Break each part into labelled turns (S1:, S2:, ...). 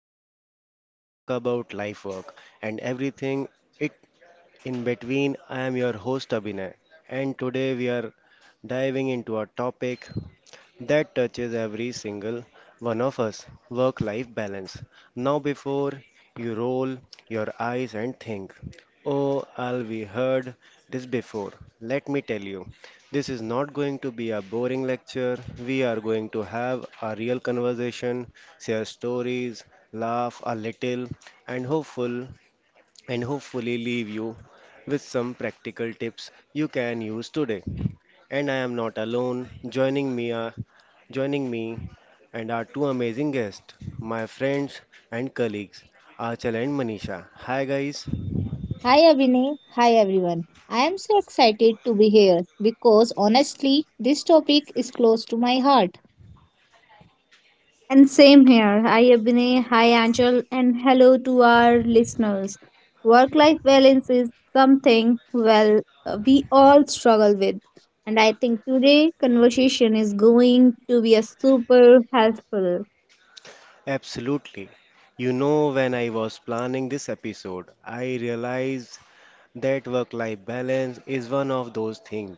S1: podcast where we talk about life work and everything it in between. I am your host, Abhinay, and today we are diving into a topic that touches every single one of us work life balance. Now, before you roll your eyes and think, oh, I'll be heard this before, let me tell you, this is not going to be a boring lecture. We are going to have a real conversation, share stories, laugh a little, and hopefully leave you with some practical tips you can use today. And I am not alone. Joining me are joining me and our two amazing guests, my friends and colleagues, Achal and Manisha. Hi guys.
S2: Hi Abhinay, hi everyone. I am so excited to be here because honestly, this topic is close to my heart. And same here. Hi, Abhinay. Hi, Angel. And hello to our listeners. Work life balance is something, we all struggle with. And I think today conversation is going to be a super helpful.
S1: Absolutely. You know, when I was planning this episode, I realized that work life balance is one of those things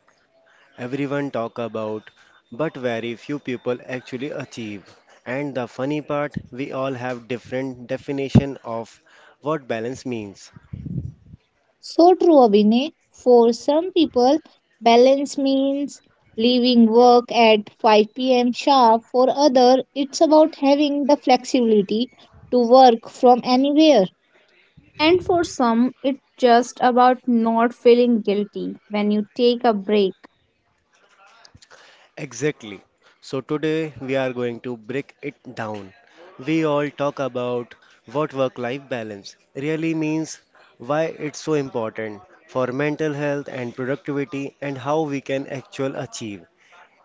S1: everyone talk about but very few people actually achieve. And the funny part, we all have different definition of what balance means.
S2: So true, Abhinay. For some people, balance means leaving work at 5 pm sharp. For others, it's about having the flexibility to work from anywhere. And for some, it's just about not feeling guilty when you take a break.
S1: Exactly. So today we are going to break it down. We all talk about what work life balance really means, why it's so important for mental health and productivity and how we can actually achieve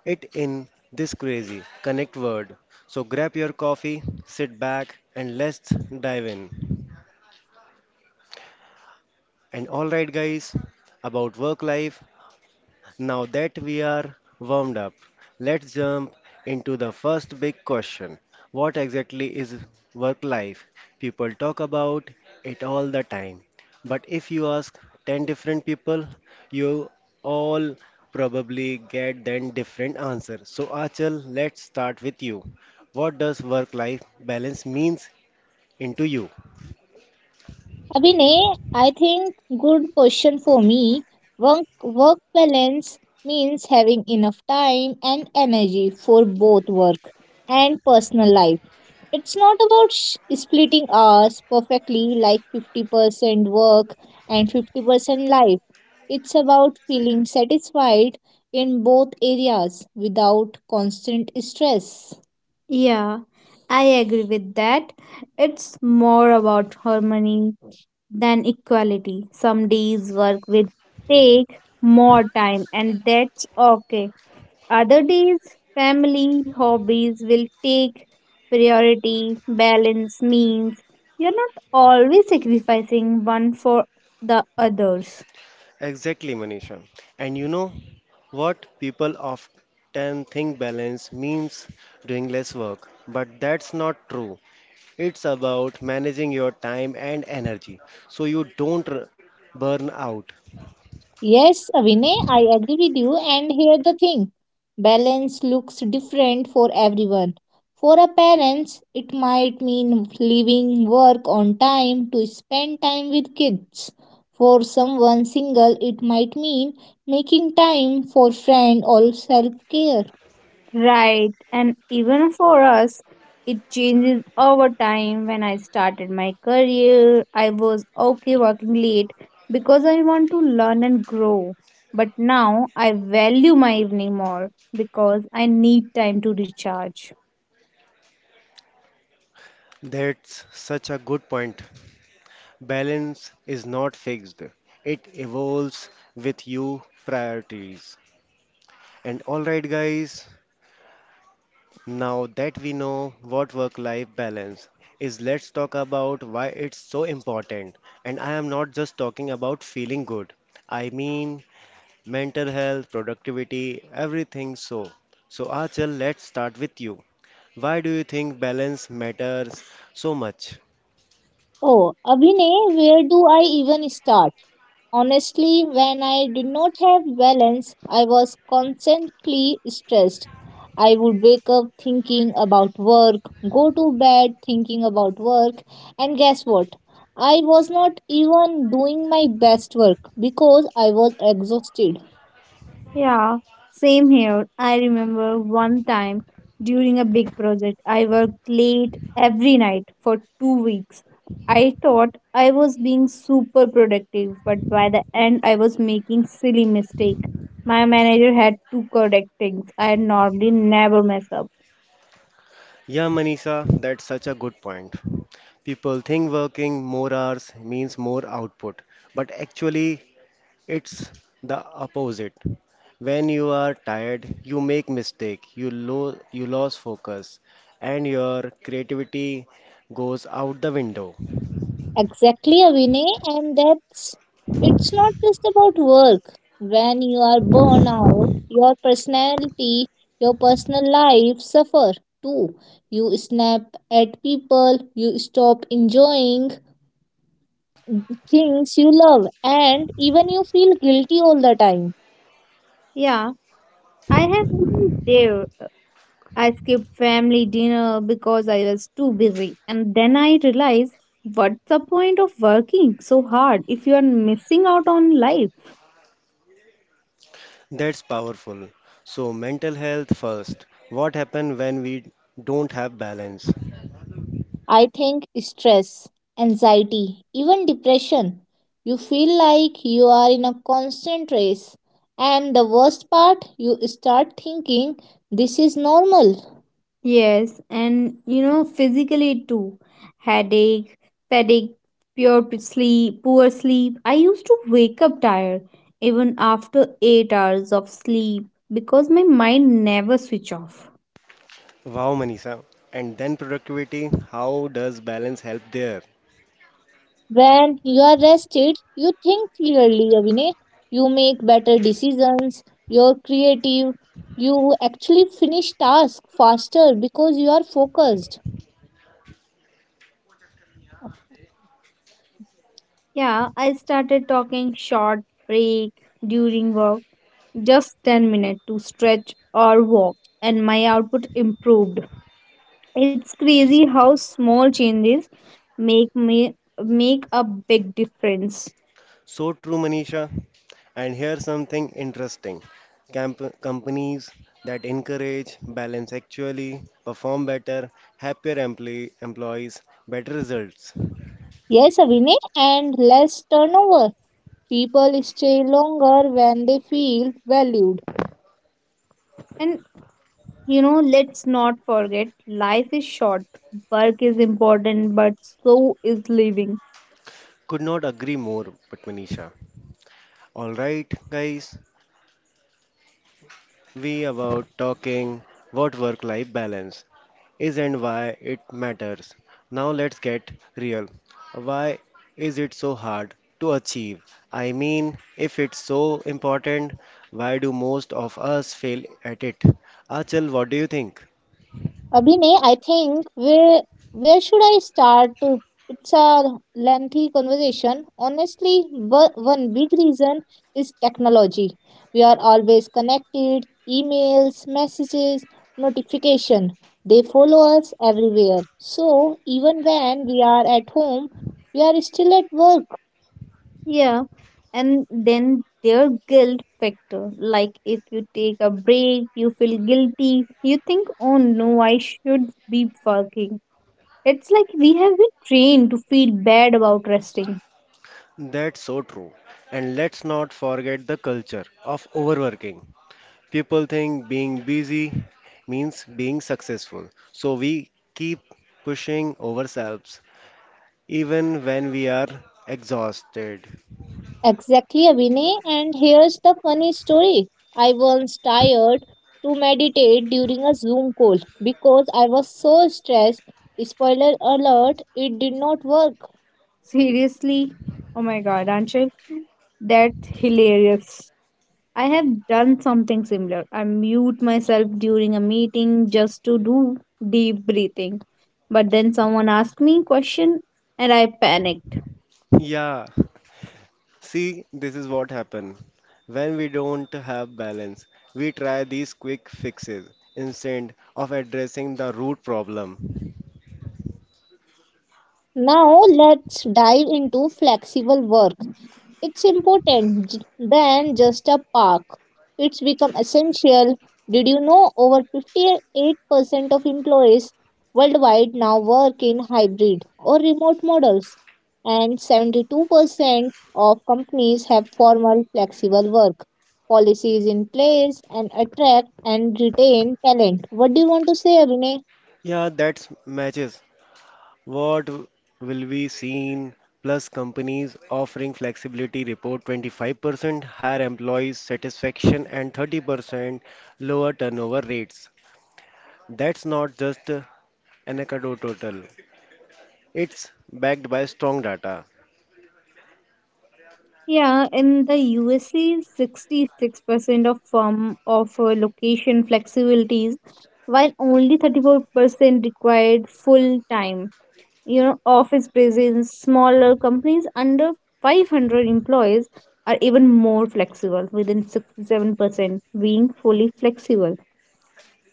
S1: it in this crazy connect word. So grab your coffee, sit back, and let's dive in. And alright, guys, about work life, now that we are warmed up, let's jump into the first big question. What exactly is work life? People talk about it all the time. But if you ask 10 different people, you all probably get then different answer. So Achal, let's start with you. What does work life balance means into you?
S2: Abhinay, I think good question for me. Work, work balance means having enough time and energy for both work and personal life. It's not about splitting hours perfectly like 50% work and 50% life. It's about feeling satisfied in both areas without constant stress. Yeah, I agree with that. It's more about harmony than equality. Some days work will take more time, and that's okay. Other days, family, hobbies will take priority. Balance means you're not always sacrificing one for the others.
S1: Exactly, Manisha. And you know what? People often think balance means doing less work, but that's not true. It's about managing your time and energy so you don't burn out.
S2: Yes, Vinay, I agree with you. And here the thing balance looks different for everyone. For a parents, it might mean leaving work on time to spend time with kids. For someone single, it might mean making time for friend or self care. Right. And even for us, it changes over time. When I started my career, I was okay working late because I want to learn and grow. But now I value my evening more because I need time to recharge.
S1: That's such a good point. Balance is not fixed, it evolves with your priorities. And alright, guys, now that we know what work life balance is, let's talk about why it's so important. And I am not just talking about feeling good, I mean mental health, productivity, everything so. So, Achal, let's start with you. Why do you think balance matters so much?
S2: Oh, Abhinay, where do I even start? Honestly, when I did not have balance, I was constantly stressed. I would wake up thinking about work, go to bed thinking about work, and guess what? I was not even doing my best work because I was exhausted. Yeah, same here. I remember one time during a big project, I worked late every night for 2 weeks. I thought I was being super productive, but by the end, I was making silly mistakes. My manager had to correct things I normally never mess up.
S1: Yeah, Manisha, that's such a good point. People think working more hours means more output, but actually, it's the opposite. When you are tired, you make mistake, you lose focus, and your creativity goes out the window.
S2: Exactly, Abhinay, and that's it's not just about work. When you are burned out, your personality, your personal life suffer too. You snap at people, you stop enjoying things you love, and even you feel guilty all the time. Yeah, I have been there. I skipped family dinner because I was too busy. And then I realized what's the point of working so hard if you are missing out on life?
S1: That's powerful. So mental health first. What happen when we don't have balance?
S2: I think stress, anxiety, even depression. You feel like you are in a constant race. And the worst part, you start thinking this is normal. Yes, and you know, physically too. Headache, fatigue, sleep, poor sleep. I used to wake up tired even after 8 hours of sleep because my mind never switch off.
S1: Wow, Manisha. And then productivity, how does balance help there?
S2: When you are rested, you think clearly, Abhinay. You make better decisions, you're creative, you actually finish tasks faster because you are focused. Yeah, I started talking short break during work just 10 minutes to stretch or walk, and my output improved. It's crazy how small changes make me make a big difference.
S1: So true, Manisha. And here's something interesting. Companies that encourage balance actually perform better, happier employees, better results.
S2: Yes, Avini, and less turnover. People stay longer when they feel valued. And you know, let's not forget life is short, work is important, but so is living.
S1: Could not agree more, but Manisha. All right, guys, we about talking what work-life balance is and why it matters. Now let's get real. Why is it so hard to achieve? I mean, if it's so important, why do most of us fail at it? Achal, what do you think?
S2: Abhinay, I think where should I start? It's a lengthy conversation. Honestly, one big reason is technology. We are always connected. Emails, messages, notification. They follow us everywhere. So even when we are at home, we are still at work. Yeah, and then their guilt factor. Like if you take a break, you feel guilty. You think, oh no, I should be working. It's like we have been trained to feel bad about resting.
S1: That's so true. And let's not forget the culture of overworking. People think being busy means being successful. So we keep pushing ourselves even when we are exhausted.
S2: Exactly, Abhinay. And here's the funny story. I once tired to meditate during a Zoom call because I was so stressed. Spoiler alert, it did not work. Seriously? Oh my god, Anshul, that's hilarious. I have done something similar. I mute myself during a meeting just to do deep breathing. But then someone asked me question and I panicked.
S1: Yeah, see, this is what happens when we don't have balance. We try these quick fixes instead of addressing the root problem.
S2: Now let's dive into flexible work. It's important than just a park. It's become essential. Did you know over 58% of employees worldwide now work in hybrid or remote models? And 72% of companies have formal flexible work policies in place and attract and retain talent. What do you want to say, Abhinay?
S1: Yeah, that matches. What will be seen? Plus, companies offering flexibility report 25% higher employee satisfaction and 30% lower turnover rates. That's not just an anecdotal. It's backed by strong data.
S2: Yeah, in the USA, 66% of firm offer location flexibilities, while only 34% required full time. You know, office presence, smaller companies under 500 employees are even more flexible, within 67% being fully flexible.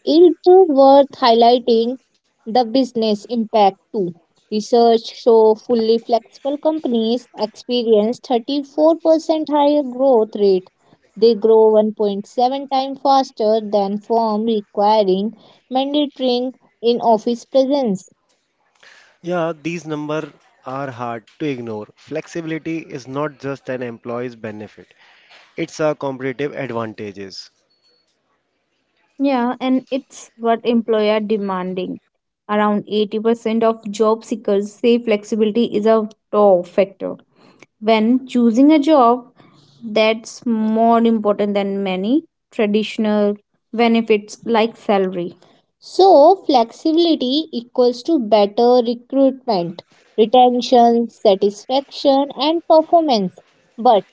S2: It's worth highlighting the business impact too. Research show fully flexible companies experience 34% higher growth rate. They grow 1.7 times faster than firms requiring mandatory in-office presence.
S1: Yeah, these numbers are hard to ignore. Flexibility is not just an employee's benefit, it's a competitive advantages.
S2: Yeah, and it's what employer demanding. Around 80% of job seekers say flexibility is a top factor when choosing a job. That's more important than many traditional benefits like salary. So, flexibility equals to better recruitment, retention, satisfaction, and performance. But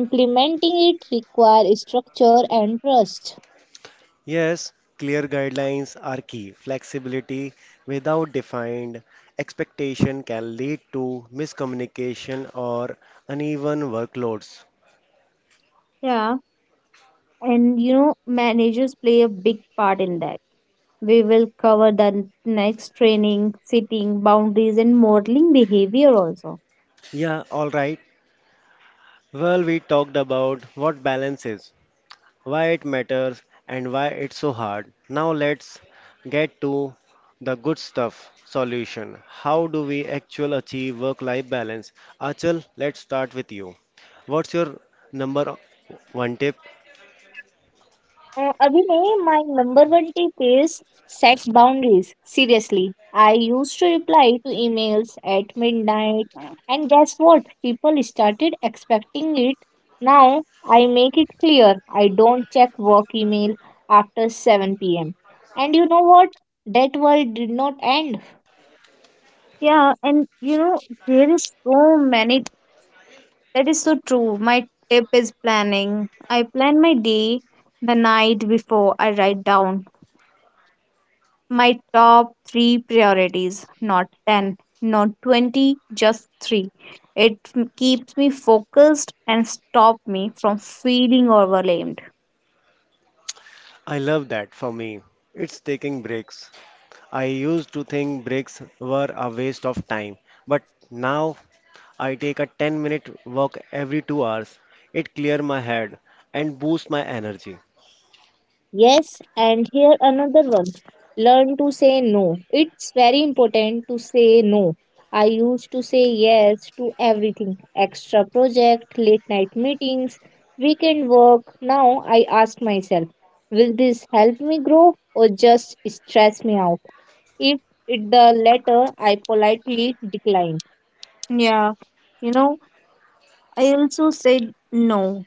S2: implementing it requires structure and trust.
S1: Yes, clear guidelines are key. Flexibility without defined expectation can lead to miscommunication or uneven workloads.
S2: Yeah, and you know, managers play a big part in that. We will cover the next training, sitting, boundaries, and modeling behavior also.
S1: Yeah, all right. Well, we talked about what balance is, why it matters, and why it's so hard. Now let's get to the good stuff solution. How do we actually achieve work life balance? Achal, let's start with you. What's your number one tip?
S2: Abhinay, my memberability is set boundaries. Seriously, I used to reply to emails at midnight, and guess what? People started expecting it. Now I make it clear I don't check work email after 7 pm. And you know what? That world did not end. Yeah, and you know, there is so many. That is so true. My tip is planning. I plan my day the night before I write down my top three priorities, not 10, not 20, just three. It keeps me focused and stop me from feeling overwhelmed.
S1: I love that for me. It's taking breaks. I used to think breaks were a waste of time, but now I take a 10-minute walk every 2 hours. It clears my head and boosts my energy.
S2: Yes, and here another one. Learn to say no. It's very important to say no. I used to say yes to everything extra project, late night meetings, weekend work. Now I ask myself, will this help me grow or just stress me out? If it the latter, I politely decline. Yeah, you know, I also said no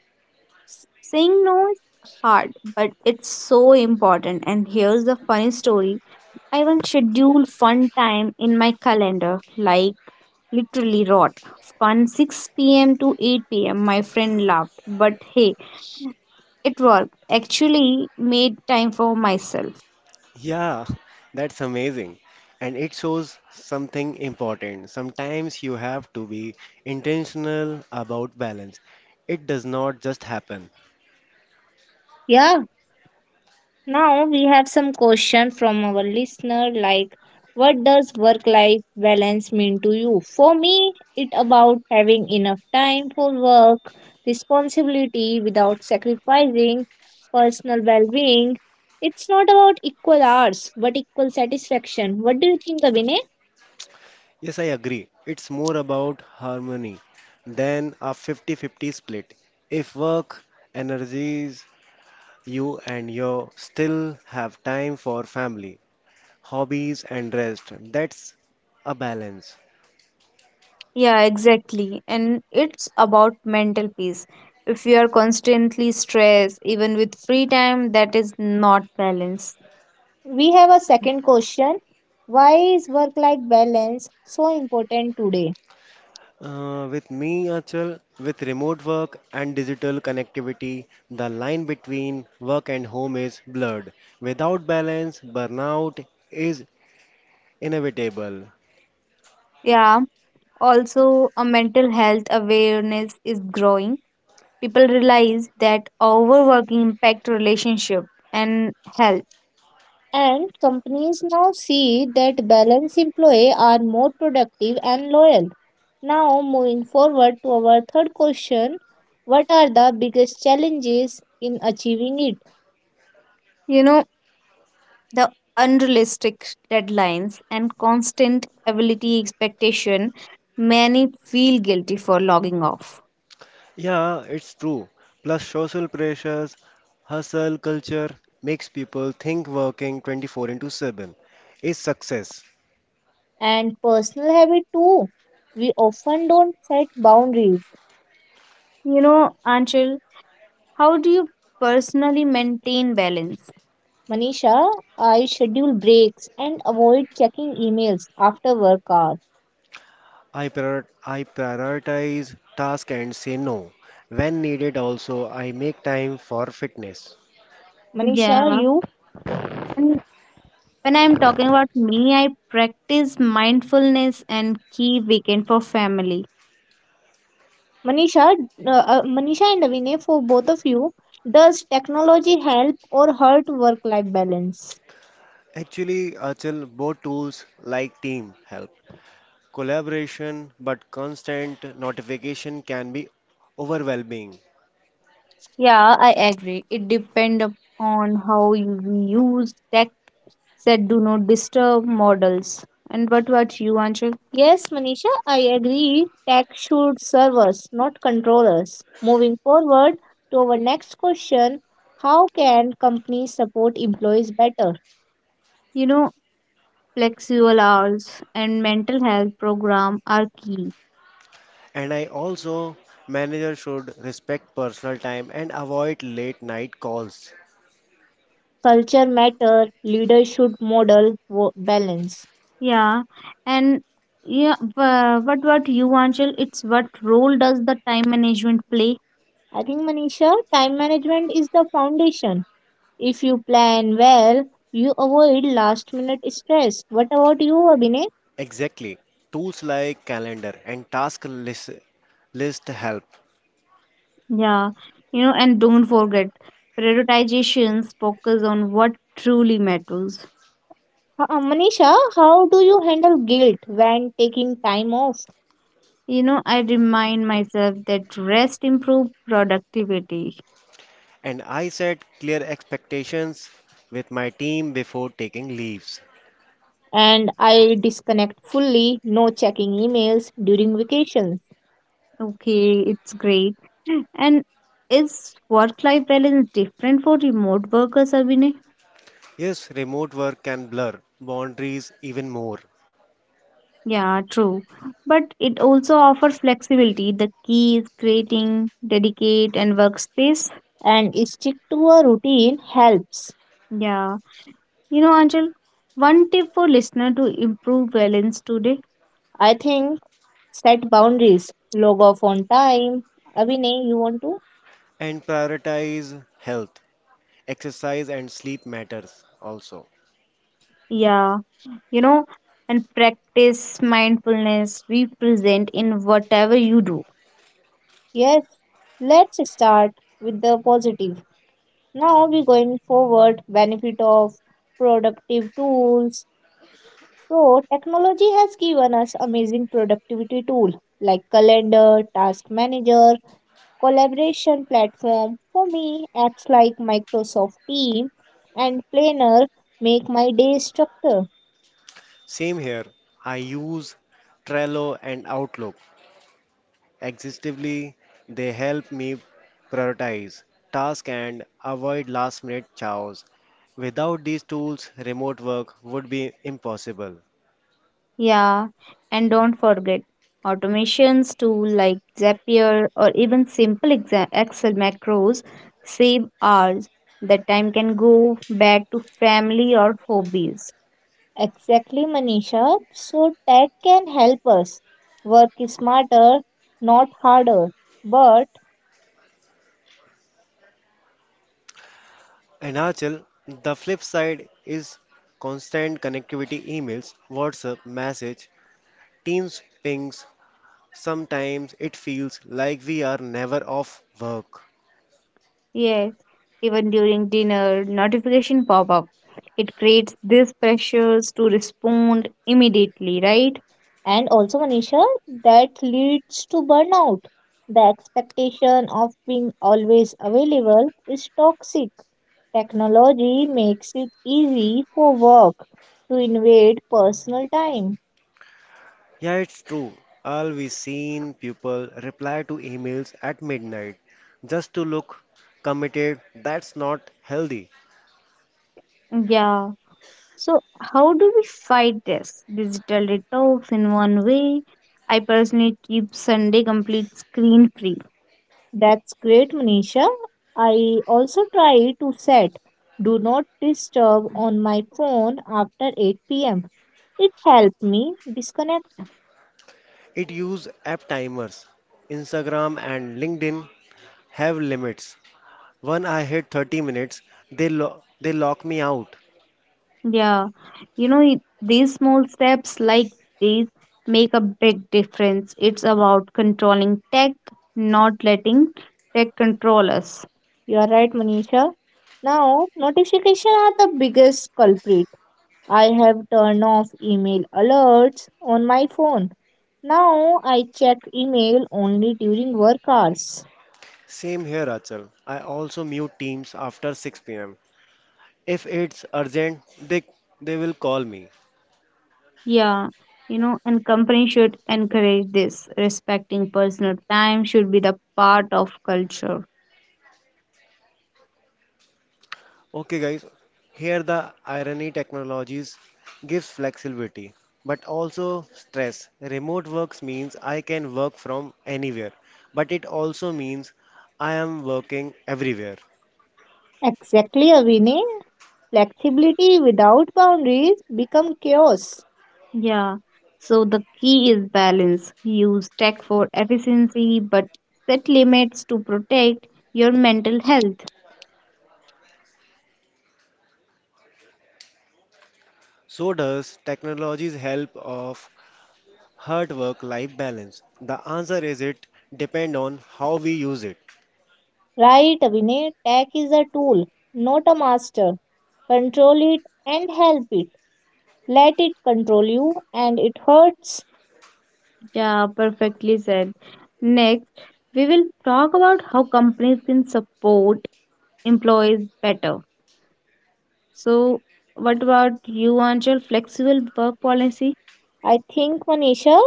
S2: Saying no is hard, but it's so important. And here's the funny story I once scheduled fun time in my calendar, like literally rot. Fun 6 pm to 8 pm, my friend laughed. But hey, it worked. Actually, made time for myself.
S1: Yeah, that's amazing. And it shows something important. Sometimes you have to be intentional about balance. It does not just happen.
S2: Yeah, now we have some question from our listener like what does work life balance mean to you? For me, it about having enough time for work, responsibility without sacrificing personal well-being. It's not about equal hours, but equal satisfaction. What do you think, Abhinay?
S1: Yes, I agree. It's more about harmony than a 50-50 split. If work energies you and you still have time for family, hobbies and rest, that's a balance.
S2: Yeah, exactly. And it's about mental peace. If you are constantly stressed, even with free time, that is not balance. We have a second question. Why is work life balance so important today?
S1: With me, Achal, with remote work and digital connectivity, the line between work and home is blurred. Without balance, burnout is inevitable.
S2: Yeah, also a mental health awareness is growing. People realize that overworking impact relationship and health. And companies now see that balanced employees are more productive and loyal. Now, moving forward to our third question. What are the biggest challenges in achieving it? You know, the unrealistic deadlines and constant ability expectation many feel guilty for logging off
S1: Yeah, it's true. Plus, social pressures, hustle culture makes people think working 24 into 7 is success.
S2: and personal habit too. We often don't set boundaries. You know, Anshul, how do you personally maintain balance? Manisha, I schedule breaks and avoid checking emails after work hours.
S1: I prioritize tasks and say no. When needed, also, I make time for fitness.
S2: Manisha, yeah, you? And when I'm talking about me, I practice mindfulness and key weekend for family. Manisha, Manisha and Vinay, for both of you, does technology help or hurt work-life balance?
S1: Actually, Achal, both tools like team help. Collaboration, but constant notification can be overwhelming.
S2: Yeah, I agree. It depends on how you use tech that do not disturb models. And what about you, Anshul? Yes, Manisha, I agree. Tech should serve us, not control us. Moving forward to our next question, how can companies support employees better? You know, flexible hours, and mental health program are key.
S1: And I also, manager should respect personal time and avoid late night calls.
S2: Culture matter, leaders should model balance. Yeah, and yeah, what you Anshul? It's what role does the time management play? I think Manisha, time management is the foundation. If you plan well, you avoid last minute stress. What about you, Abhinay?
S1: Exactly. Tools like calendar and task list, list help.
S2: Yeah, you know, and don't forget prioritizations focus on what truly matters. Manisha, how do you handle guilt when taking time off? You know, I remind myself that rest improves productivity.
S1: And I set clear expectations with my team before taking leaves.
S2: And I disconnect fully, no checking emails during vacations. Okay, it's great. And is work life balance different for remote workers, Abhinay?
S1: Yes, remote work can blur boundaries even more
S2: Yeah, true. But it also offers flexibility. The key is creating dedicate and workspace. And stick to a routine helps. Yeah. You know, Angel, one tip for listener to improve balance today. I think set boundaries, log off on time. Abhinay, you want to?
S1: and prioritize health. Exercise and sleep matters also.
S2: Yeah. You know, and practice mindfulness. Be present in whatever you do. Yes, let's start with the positive. Now we going forward, benefit of productive tools. So technology has given us amazing productivity tool like calendar, task manager, collaboration platform. For me, apps like Microsoft Team and Planner make my day structure.
S1: Same here. I use Trello and Outlook. Existively, they help me prioritize tasks and avoid last minute chaos. Without these tools, remote work would be impossible.
S2: Yeah, and don't forget automations too, like Zapier or even simple Excel macros, save hours. The time can go back to family or hobbies. Exactly, Manisha. So tech can help us work smarter, not harder. But
S1: And Achal, the flip side is constant connectivity emails, WhatsApp message, Teams pings. Sometimes it feels like we are never off work.
S2: yes, even during dinner, notification pop up. It creates these pressures to respond immediately, right? And also, Manisha, that leads to burnout. The expectation of being always available is toxic. Technology makes it easy for work to invade personal time.
S1: Yeah, it's true. All we seen people reply to emails at midnight just to look committed. That's not healthy.
S2: Yeah. So how do we fight this? Digital detox in one way. I personally keep Sunday complete screen free. That's great, Manisha. I also try to set do not disturb on my phone after 8 pm. It helped me disconnect.
S1: It use app timers. Instagram and LinkedIn have limits. When I hit 30 minutes, they lock me out.
S2: Yeah, these small steps like these make a big difference. It's about controlling tech, not letting tech control us. You are right, Manisha. Now, notifications are the biggest culprit. I have turned off email alerts on my phone. Now I check email only during work hours.
S1: Same here, Achal. I also mute Teams after 6 pm. If it's urgent, they will call me.
S2: Yeah, and company should encourage this. Respecting personal time should be the part of culture.
S1: Okay, guys, here the irony technologies gives flexibility but also stress. Remote works means I can work from anywhere, but it also means I am working everywhere.
S2: Exactly, Avine. Flexibility without boundaries become chaos. Yeah, so the key is balance. Use tech for efficiency, but set limits to protect your mental health.
S1: So does technology's help of hard work-life balance? The answer is it depend on how we use it.
S2: Right, Avine. Tech is a tool, not a master. Control it and help it. Let it control you and it hurts. Yeah, perfectly said. Next, we will talk about how companies can support employees better. So, what about you, Angel? Flexible work policy? I think, Manisha,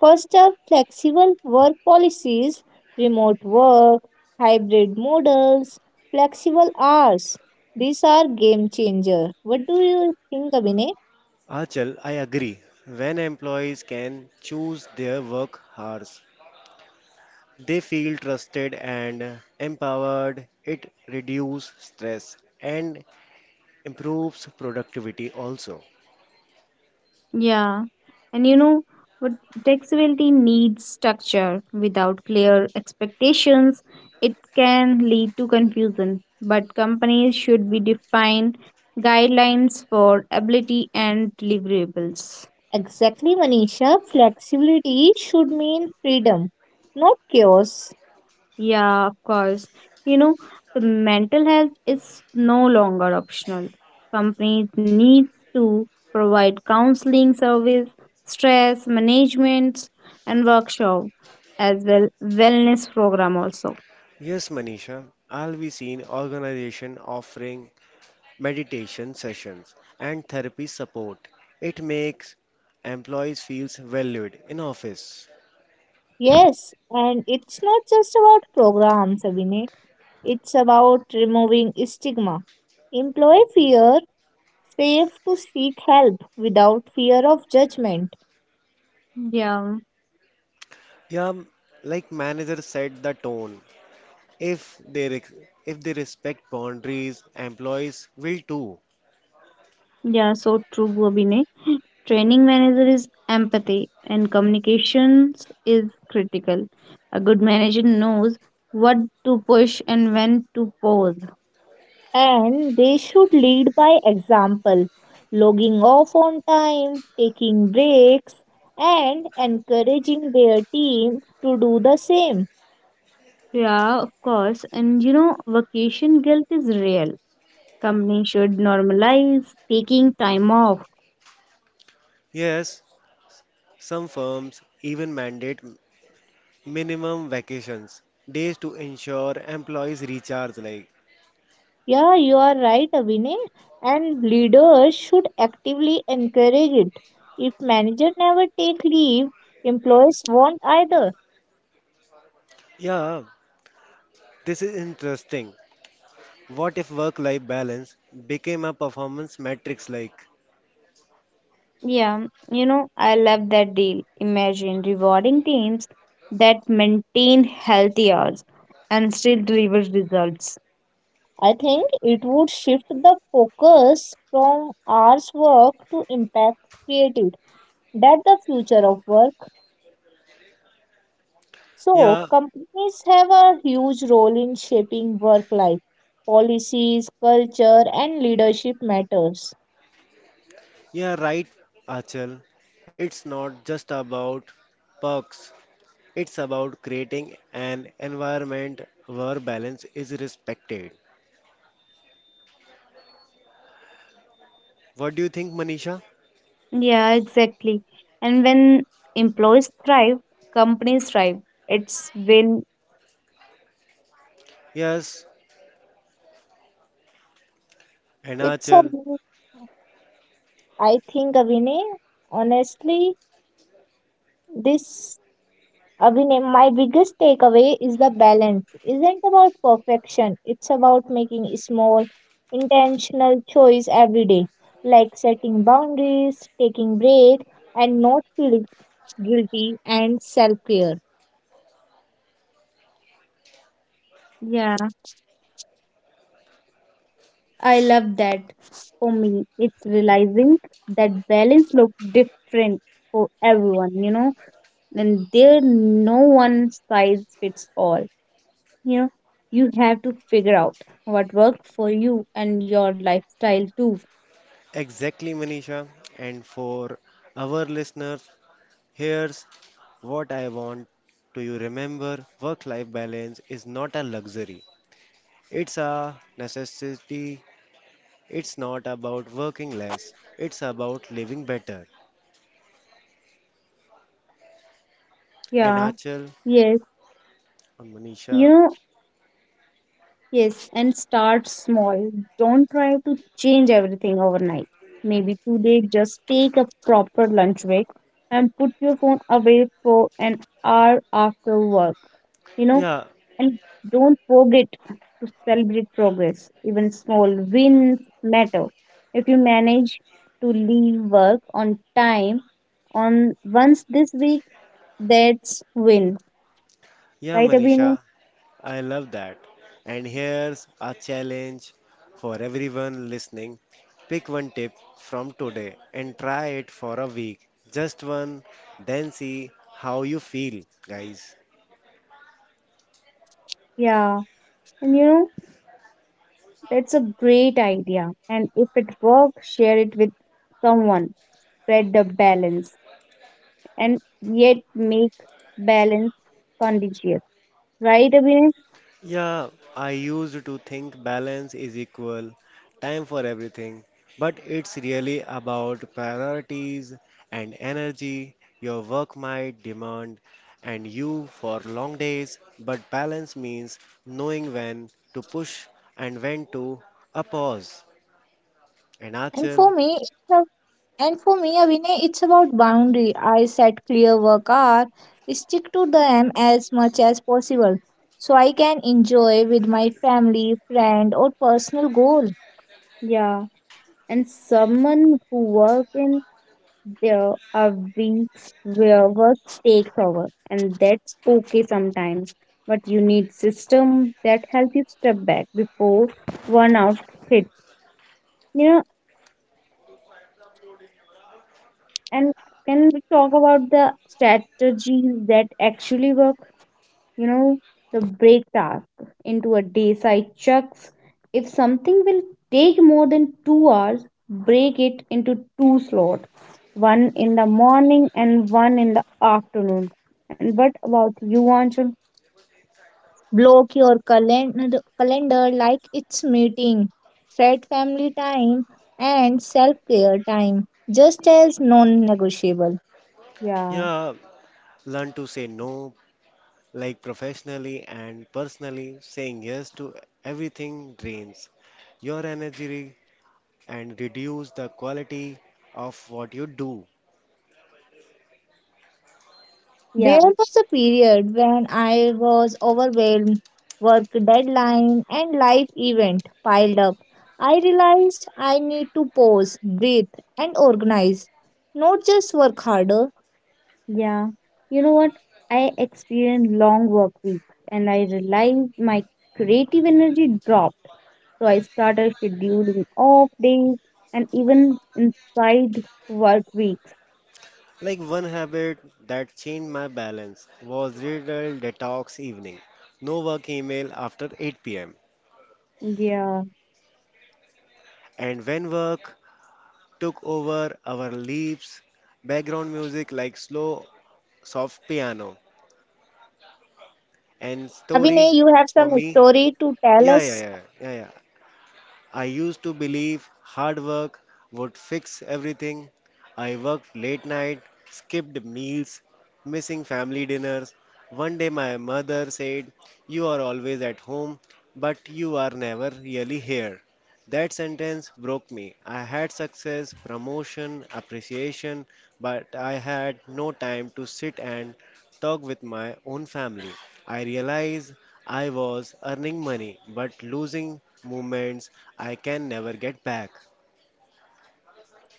S2: first up, flexible work policies, remote work, hybrid models, flexible hours. These are game changer. What do you think, Abhinay?
S1: Achal, I agree. When employees can choose their work hours, they feel trusted and empowered. It reduces stress and improves productivity also.
S2: Yeah, and you know what? Flexibility needs structure. Without clear expectations, it can lead to confusion. But companies should be defined guidelines for ability and deliverables. Exactly, Manisha. Flexibility should mean freedom, not chaos. Yeah, of course. You know, The mental health is no longer optional. Companies need to provide counseling service, stress management, and workshop, as well wellness program also.
S1: Yes, Manisha, I have seen organization offering meditation sessions and therapy support. It makes employees feel valued in office.
S2: Yes, and it's not just about programs, Abhinay. It's about removing stigma. Employee fear safe to seek help without fear of judgment. Yeah.
S1: Yeah, like manager set the tone. If they respect boundaries, employees will too.
S2: Yeah, so true, Bobine. Training manager is empathy and communications is critical. A good manager knows what to push and when to pause. And they should lead by example, logging off on time, taking breaks, and encouraging their team to do the same. Yeah, of course. And you know, Vacation guilt is real. Company should normalize taking time off.
S1: Yes, some firms even mandate minimum vacations, days to ensure employees recharge like.
S2: Yeah, you are right, Abhinay. And leaders should actively encourage it. If manager never take leave, employees won't either.
S1: Yeah, this is interesting. What if work-life balance became a performance metrics like?
S2: I love that deal. Imagine rewarding teams that maintain healthy hours and still deliver results. I think it would shift the focus from hours work to impact created. That's the future of work. So,
S1: Yeah,
S2: companies have a huge role in shaping work life. Policies, culture, and leadership matters.
S1: yeah, right, Achal. It's not just about perks. It's about creating an environment where balance is respected. What do you think, Manisha?
S2: Yeah, exactly. And when employees thrive, companies thrive. It's win.
S1: Yes, and
S2: It's a,
S1: Achal.
S2: I think, Vinay, honestly, this Abhinay, my biggest takeaway is the balance isn't about perfection. It's about making small, intentional choice every day, like setting boundaries, taking breaks, and not feeling guilty and self-care. Yeah. I love that. For me, it's realizing that balance looks different for everyone, and there no one size fits all. You know, you have to figure out what works for you and your lifestyle too.
S1: Exactly, Manisha. And for our listeners, here's what I want to you remember work life balance is not a luxury. It's a necessity. It's not about working less. It's about living better. And
S2: yeah
S1: Achal
S2: yes
S1: and
S2: you
S1: Manisha.
S2: know yes and start small. Don't try to change everything overnight. Maybe today just take a proper lunch break and put your phone away for an hour after work. you know
S1: Yeah,
S2: And don't forget to celebrate progress. Even small wins matter. If you manage to leave work on time on once this week, that's win.
S1: yeah,
S2: Right, Abhinav?
S1: Manisha. I love that. And here's a challenge for everyone listening. Pick one tip from today and try it for a week. Just one, then see how you feel, guys.
S2: Yeah. And you know, that's a great idea. And if it works, share it with someone. Spread the balance and yet make balance contagious. Right, Abhinav?
S1: Yeah, I used to think balance is equal time for everything, but it's really about priorities and energy. Your work might demand and you for long days, but balance means knowing when to push and when to a pause. And
S2: And
S1: Achal,
S2: for me, it's a And for me, Abhinay, it's about boundary. I set clear work hour, stick to them as much as possible, so I can enjoy with my family, friend, or personal goal. Yeah, and someone who work in there are weeks where work takes over, and that's okay sometimes. But you need system that help you step back before one out hits. You. And can we talk about the strategies that actually work? You know, the break task into a day side chunks. If something will take more than 2 hours, break it into two slots, one in the morning and one in the afternoon. And what about you, Anshul? Block your calendar, calendar like it's meeting. Set family time and self care time just as non negotiable. Yeah,
S1: yeah, learn to say no, like professionally and personally, saying yes to everything drains your energy and reduce the quality of what you do.
S2: Yeah. There was a period when I was overwhelmed, work deadline and life event piled up. I realized I need to pause, breathe and organize, not just work harder. Yeah. You know what? I experienced long work weeks and I realized my creative energy dropped. So I started scheduling off days and even inside work weeks.
S1: Like one habit that changed my balance was digital detox evening. No work email after 8 pm.
S2: Yeah.
S1: And when work took over our lives, background music like slow, soft piano and story
S2: Abhinay, you have
S1: for
S2: some
S1: me.
S2: story to tell
S1: Yeah, yeah,
S2: us?
S1: yeah, yeah, yeah. I used to believe hard work would fix everything. I worked late night, skipped meals, missing family dinners. One day my mother said, You are always at home, but you are never really here. That sentence broke me. I had success, promotion, appreciation, but I had no time to sit and talk with my own family. I realized I was earning money but losing moments I can never get back.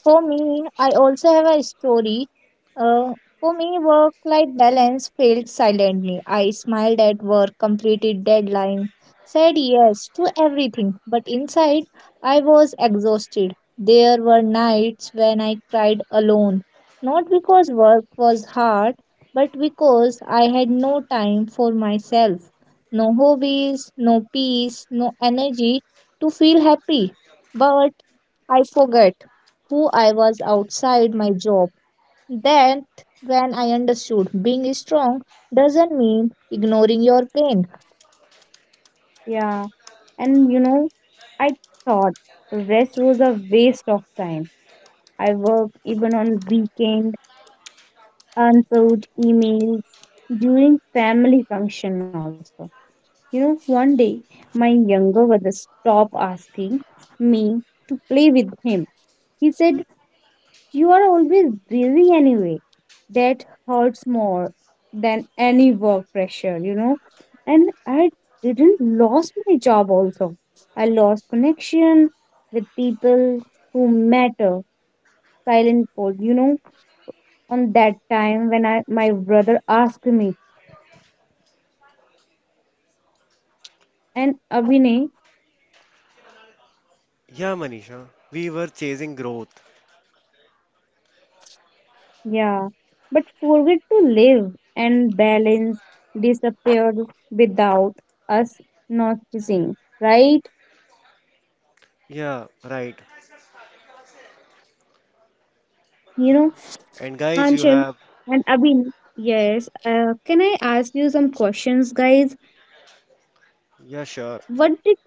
S2: For me, I also have a story. Uh, for me, work life balance failed silently. I smiled at work, completed deadline, said yes to everything, but inside I was exhausted. There were nights when I cried alone, not because work was hard, but because I had no time for myself. No hobbies, no peace, no energy to feel happy. But I forget who I was outside my job. That when I understood being strong doesn't mean ignoring your pain. Yeah, and you know, I thought rest was a waste of time. I worked even on weekend, answered emails during family function also. You know, one day my younger brother stopped asking me to play with him. He said, "You are always busy anyway." That hurts more than any work pressure. And I didn't lost my job also. I lost connection with people who matter silent pole, you know, on that time when I my brother asked me. And Abhinay,
S1: Yeah, Manisha, we were chasing growth.
S2: yeah, but forget to live and balance disappeared without us noticing, right?
S1: Yeah, right.
S2: You know,
S1: And guys, you
S2: Anshul
S1: have,
S2: and Abhin. Yes. Can I ask you some questions, guys?
S1: yeah, sure.
S2: What did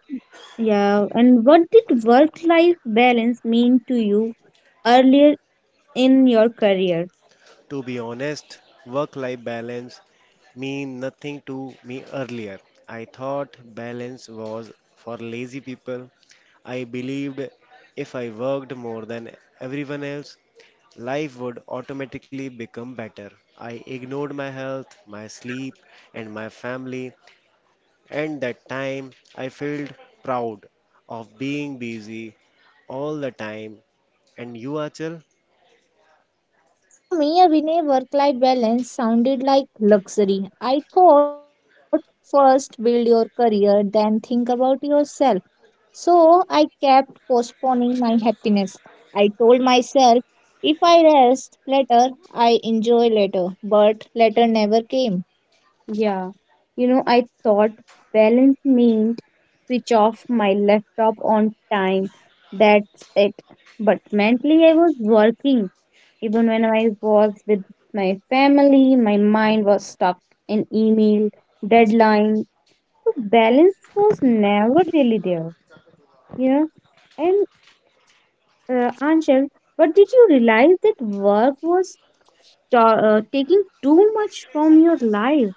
S2: what did work-life balance mean to you earlier in your career?
S1: To be honest, work life balance mean nothing to me earlier. I thought balance was for lazy people. I believed if I worked more than everyone else, life would automatically become better. I ignored my health, my sleep, and my family. And that time I felt proud of being busy all the time. And you, Achal?
S2: For me, Abhinay, work life balance sounded like luxury. I thought first build your career, then think about yourself. So I kept postponing my happiness. I told myself, if I rest later, I enjoy later, but later never came. Yeah, I thought balance meant switch off my laptop on time. That's it. But mentally, I was working. Even when I was with my family, my mind was stuck in email, deadline. So, balance was never really there, you know and Anshul, but did you realize that work was taking too much from your life?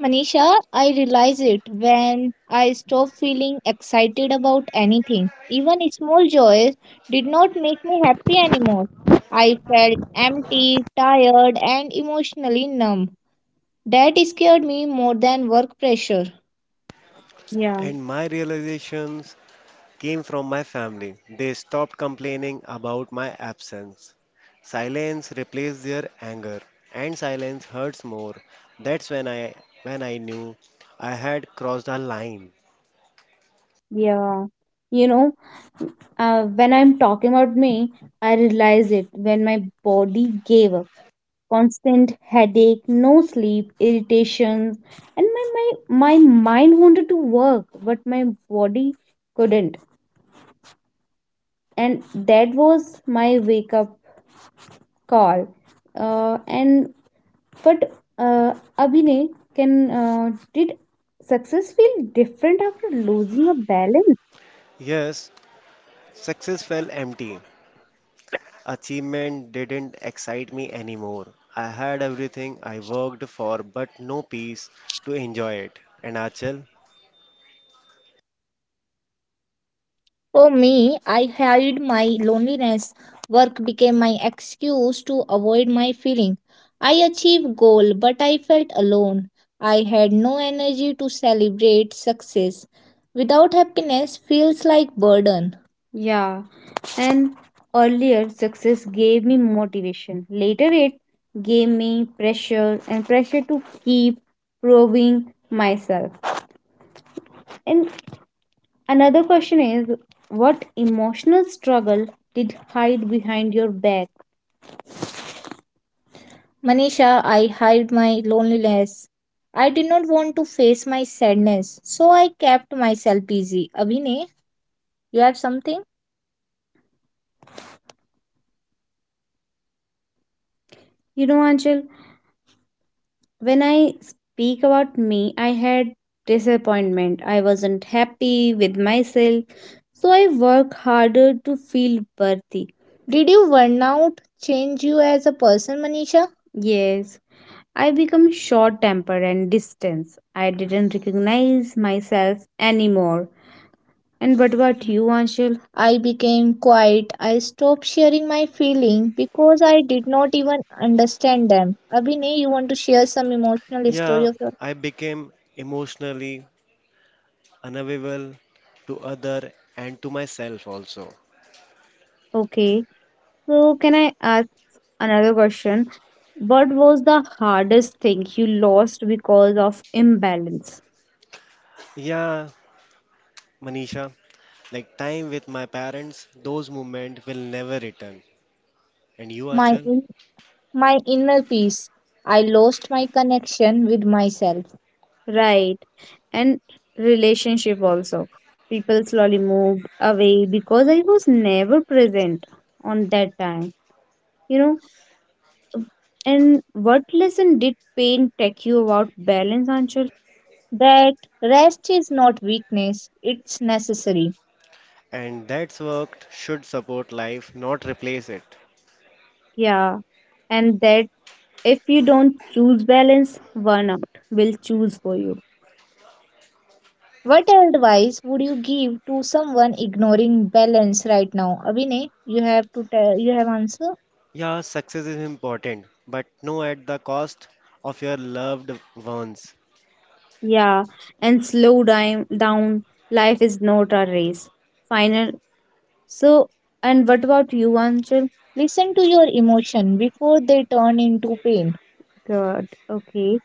S2: Manisha, I realize it when I stopped feeling excited about anything. Even small joys did not make me happy anymore. I felt empty, tired, and emotionally numb. That scared me more than work pressure. Yeah,
S1: And my realizations came from my family. They stopped complaining about my absence. Silence replaced their anger, and silence hurts more. That's when I knew I had crossed a line.
S2: yeah. You know when I'm talking about me, I realized it when my body gave up. Constant headache, no sleep, irritations, and my mind wanted to work, but my body couldn't. And that was my wake up call. And but uh, Abhinay, can did success feel different after losing a balance?
S1: Yes, success felt empty. Achievement didn't excite me anymore. I had everything I worked for, but no peace to enjoy it. And Achal,
S2: For me, I hid my loneliness. Work became my excuse to avoid my feeling. I achieved goal, but I felt alone. I had no energy to celebrate success. Without happiness feels like burden. Yeah, and earlier success gave me motivation. Later, it gave me pressure and pressure to keep proving myself. And another question is what emotional struggle did hide behind your back? Manisha, I hid my loneliness. I did not want to face my sadness, so I kept myself busy. Abhinay, you have something? You know, Anjal, when I speak about me, I had disappointment. I wasn't happy with myself, so I work harder to feel worthy. Did you burn out change you as a person, Manisha? Yes, I became short tempered and distant. I didn't recognize myself anymore. And but what about you, Anshul? I became quiet. I stopped sharing my feeling because I did not even understand them. Abhinay, you want to share some emotional story
S1: yeah,
S2: of your.
S1: I became emotionally unavailable to other and to myself also.
S2: Okay, so can I ask another question? What was the hardest thing you lost because of imbalance?
S1: Yeah, Manisha, like time with my parents, those moments will never return. And you,
S2: my
S1: Achal?
S2: in, my inner peace. I lost my connection with myself. Right. And relationship also. People slowly moved away because I was never present on that time. You know, and what lesson did pain take you about balance, Anshul? That rest is not weakness, it's necessary.
S1: And that's work should support life, not replace it.
S2: Yeah. And that if you don't choose balance, burnout will choose for you. What advice would you give to someone ignoring balance right now? Abhinay, you have to tell, you have answer?
S1: Yeah, success is important, but no at the cost of your loved ones.
S2: Yeah, and Slow down. Down. Life is not a race. Final. So, and what about you, Anshul? Listen to your emotion before they turn into pain. Good. Okay.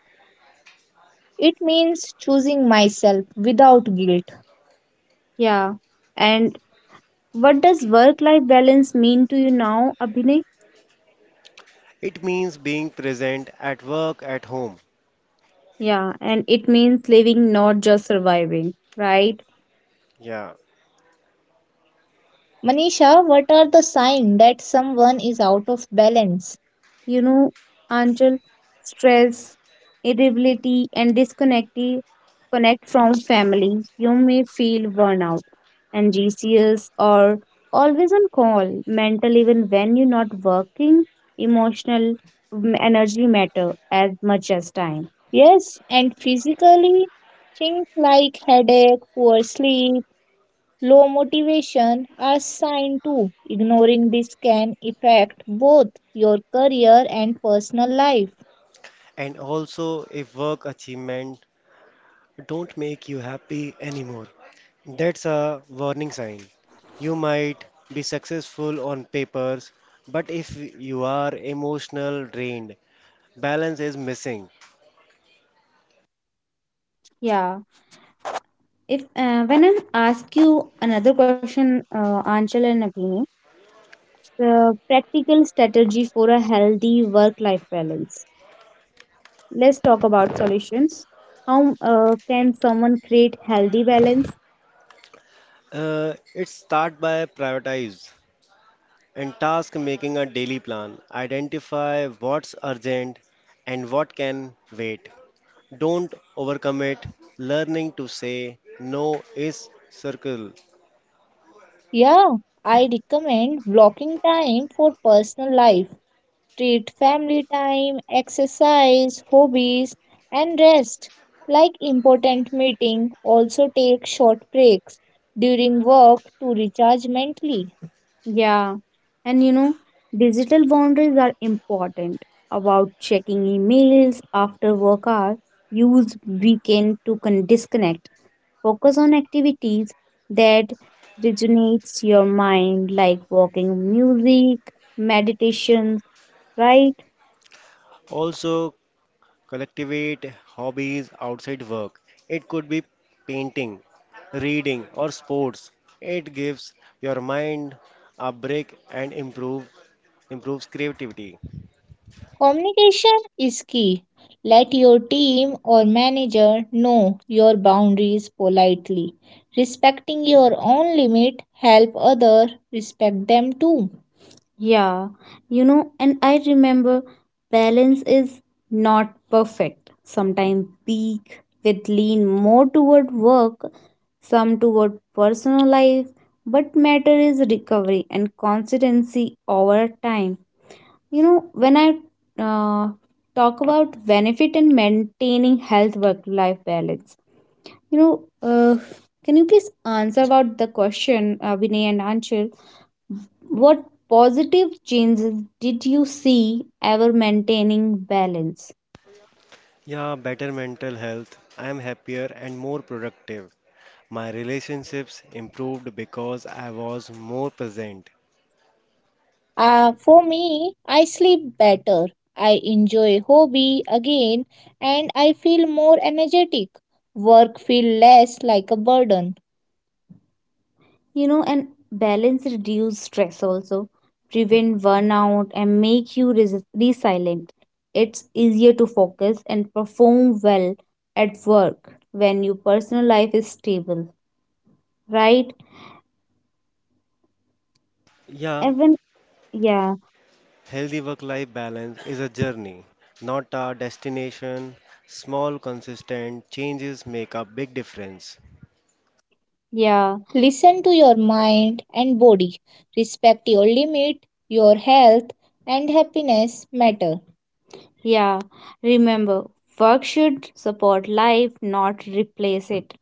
S2: It means choosing myself without guilt. Yeah. And what does work-life balance mean to you now, Abhinay?
S1: It means being present at work, at home.
S2: Yeah, and It means living, not just surviving, right?
S1: Yeah.
S2: Manisha, what are the signs that someone is out of balance? you know, until stress, irritability, and disconnected, connect from family. You may feel burnout and GCS or always on call, mental even when you're not working, emotional energy matter as much as time. Yes, and physically, things like headache, poor sleep, low motivation are sign too. Ignoring this can affect both your career and personal life.
S1: And also, if work achievement don't make you happy anymore, that's a warning sign. You might be successful on papers, but if you are emotional drained, balance is missing.
S2: Yeah. If when I ask you another question, Anchal and Naveen, the practical strategy for a healthy work-life balance. Let's talk about solutions. How can someone create healthy balance?
S1: It start by prioritize. And task making a daily plan. Identify what's urgent and what can wait. Don't overcommit. Learning to say no is circle.
S2: Yeah, I recommend blocking time for personal life. Treat family time, exercise, hobbies, and rest like important meeting. Also take short breaks during work to recharge mentally. Yeah, and you know, Digital boundaries are important about checking emails after work hour. Use weekend to disconnect. Focus on activities that rejuvenates your mind, like walking, music, meditations, right?
S1: Also, collectivate hobbies outside work. It could be painting, reading, or sports. It gives your mind a break and improves creativity.
S2: Communication is key. Let your team or manager know your boundaries politely. Respecting your own limit help others respect them too. Yeah, and I remember balance is not perfect. Sometimes peak with lean more toward work, some toward personal life, but matter is recovery and consistency over time. You know, when I uh, Talk about benefit and maintaining health work life balance, you know, uh, can you please answer about the question, Vinay and Anshul? What positive changes did you see ever maintaining balance?
S1: Yeah, better mental health. I am happier and more productive. My relationships improved because I was more present.
S2: For me, I sleep better. I enjoy hobby again and I feel more energetic. Work feel less like a burden. And balance reduce stress also, prevent burnout, and make you resilient. It's easier to focus and perform well at work when your personal life is stable, right?
S1: Yeah,
S2: Even yeah,
S1: healthy work life balance is a journey, not a destination. Small, consistent changes make a big difference.
S2: yeah, Listen to your mind and body. Respect your limit. Your health and happiness matter. Yeah. Remember, work should support life, not replace it.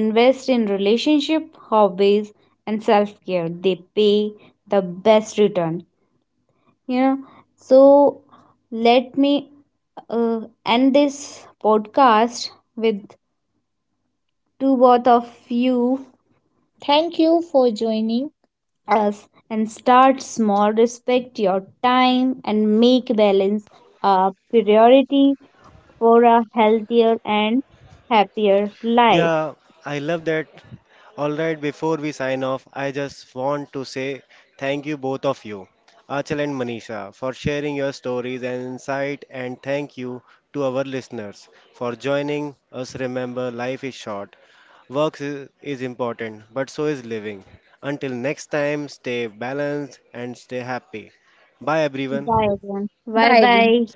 S2: Invest in relationship, hobbies, and self care. They pay the best return. You know, so let me uh, end this podcast with to both of you. Thank you for joining us and start small. Respect your time and make balance a priority for a healthier and happier life.
S1: Yeah, I love that. Alright, before we sign off, I just want to say thank you both of you, Achal and Manisha, for sharing your stories and insight, and thank you to our listeners for joining us. Remember, life is short, Work is important, but so is living. Until next time, stay balanced and stay happy. Bye,
S2: Bye
S1: everyone.
S2: everyone. Bye bye.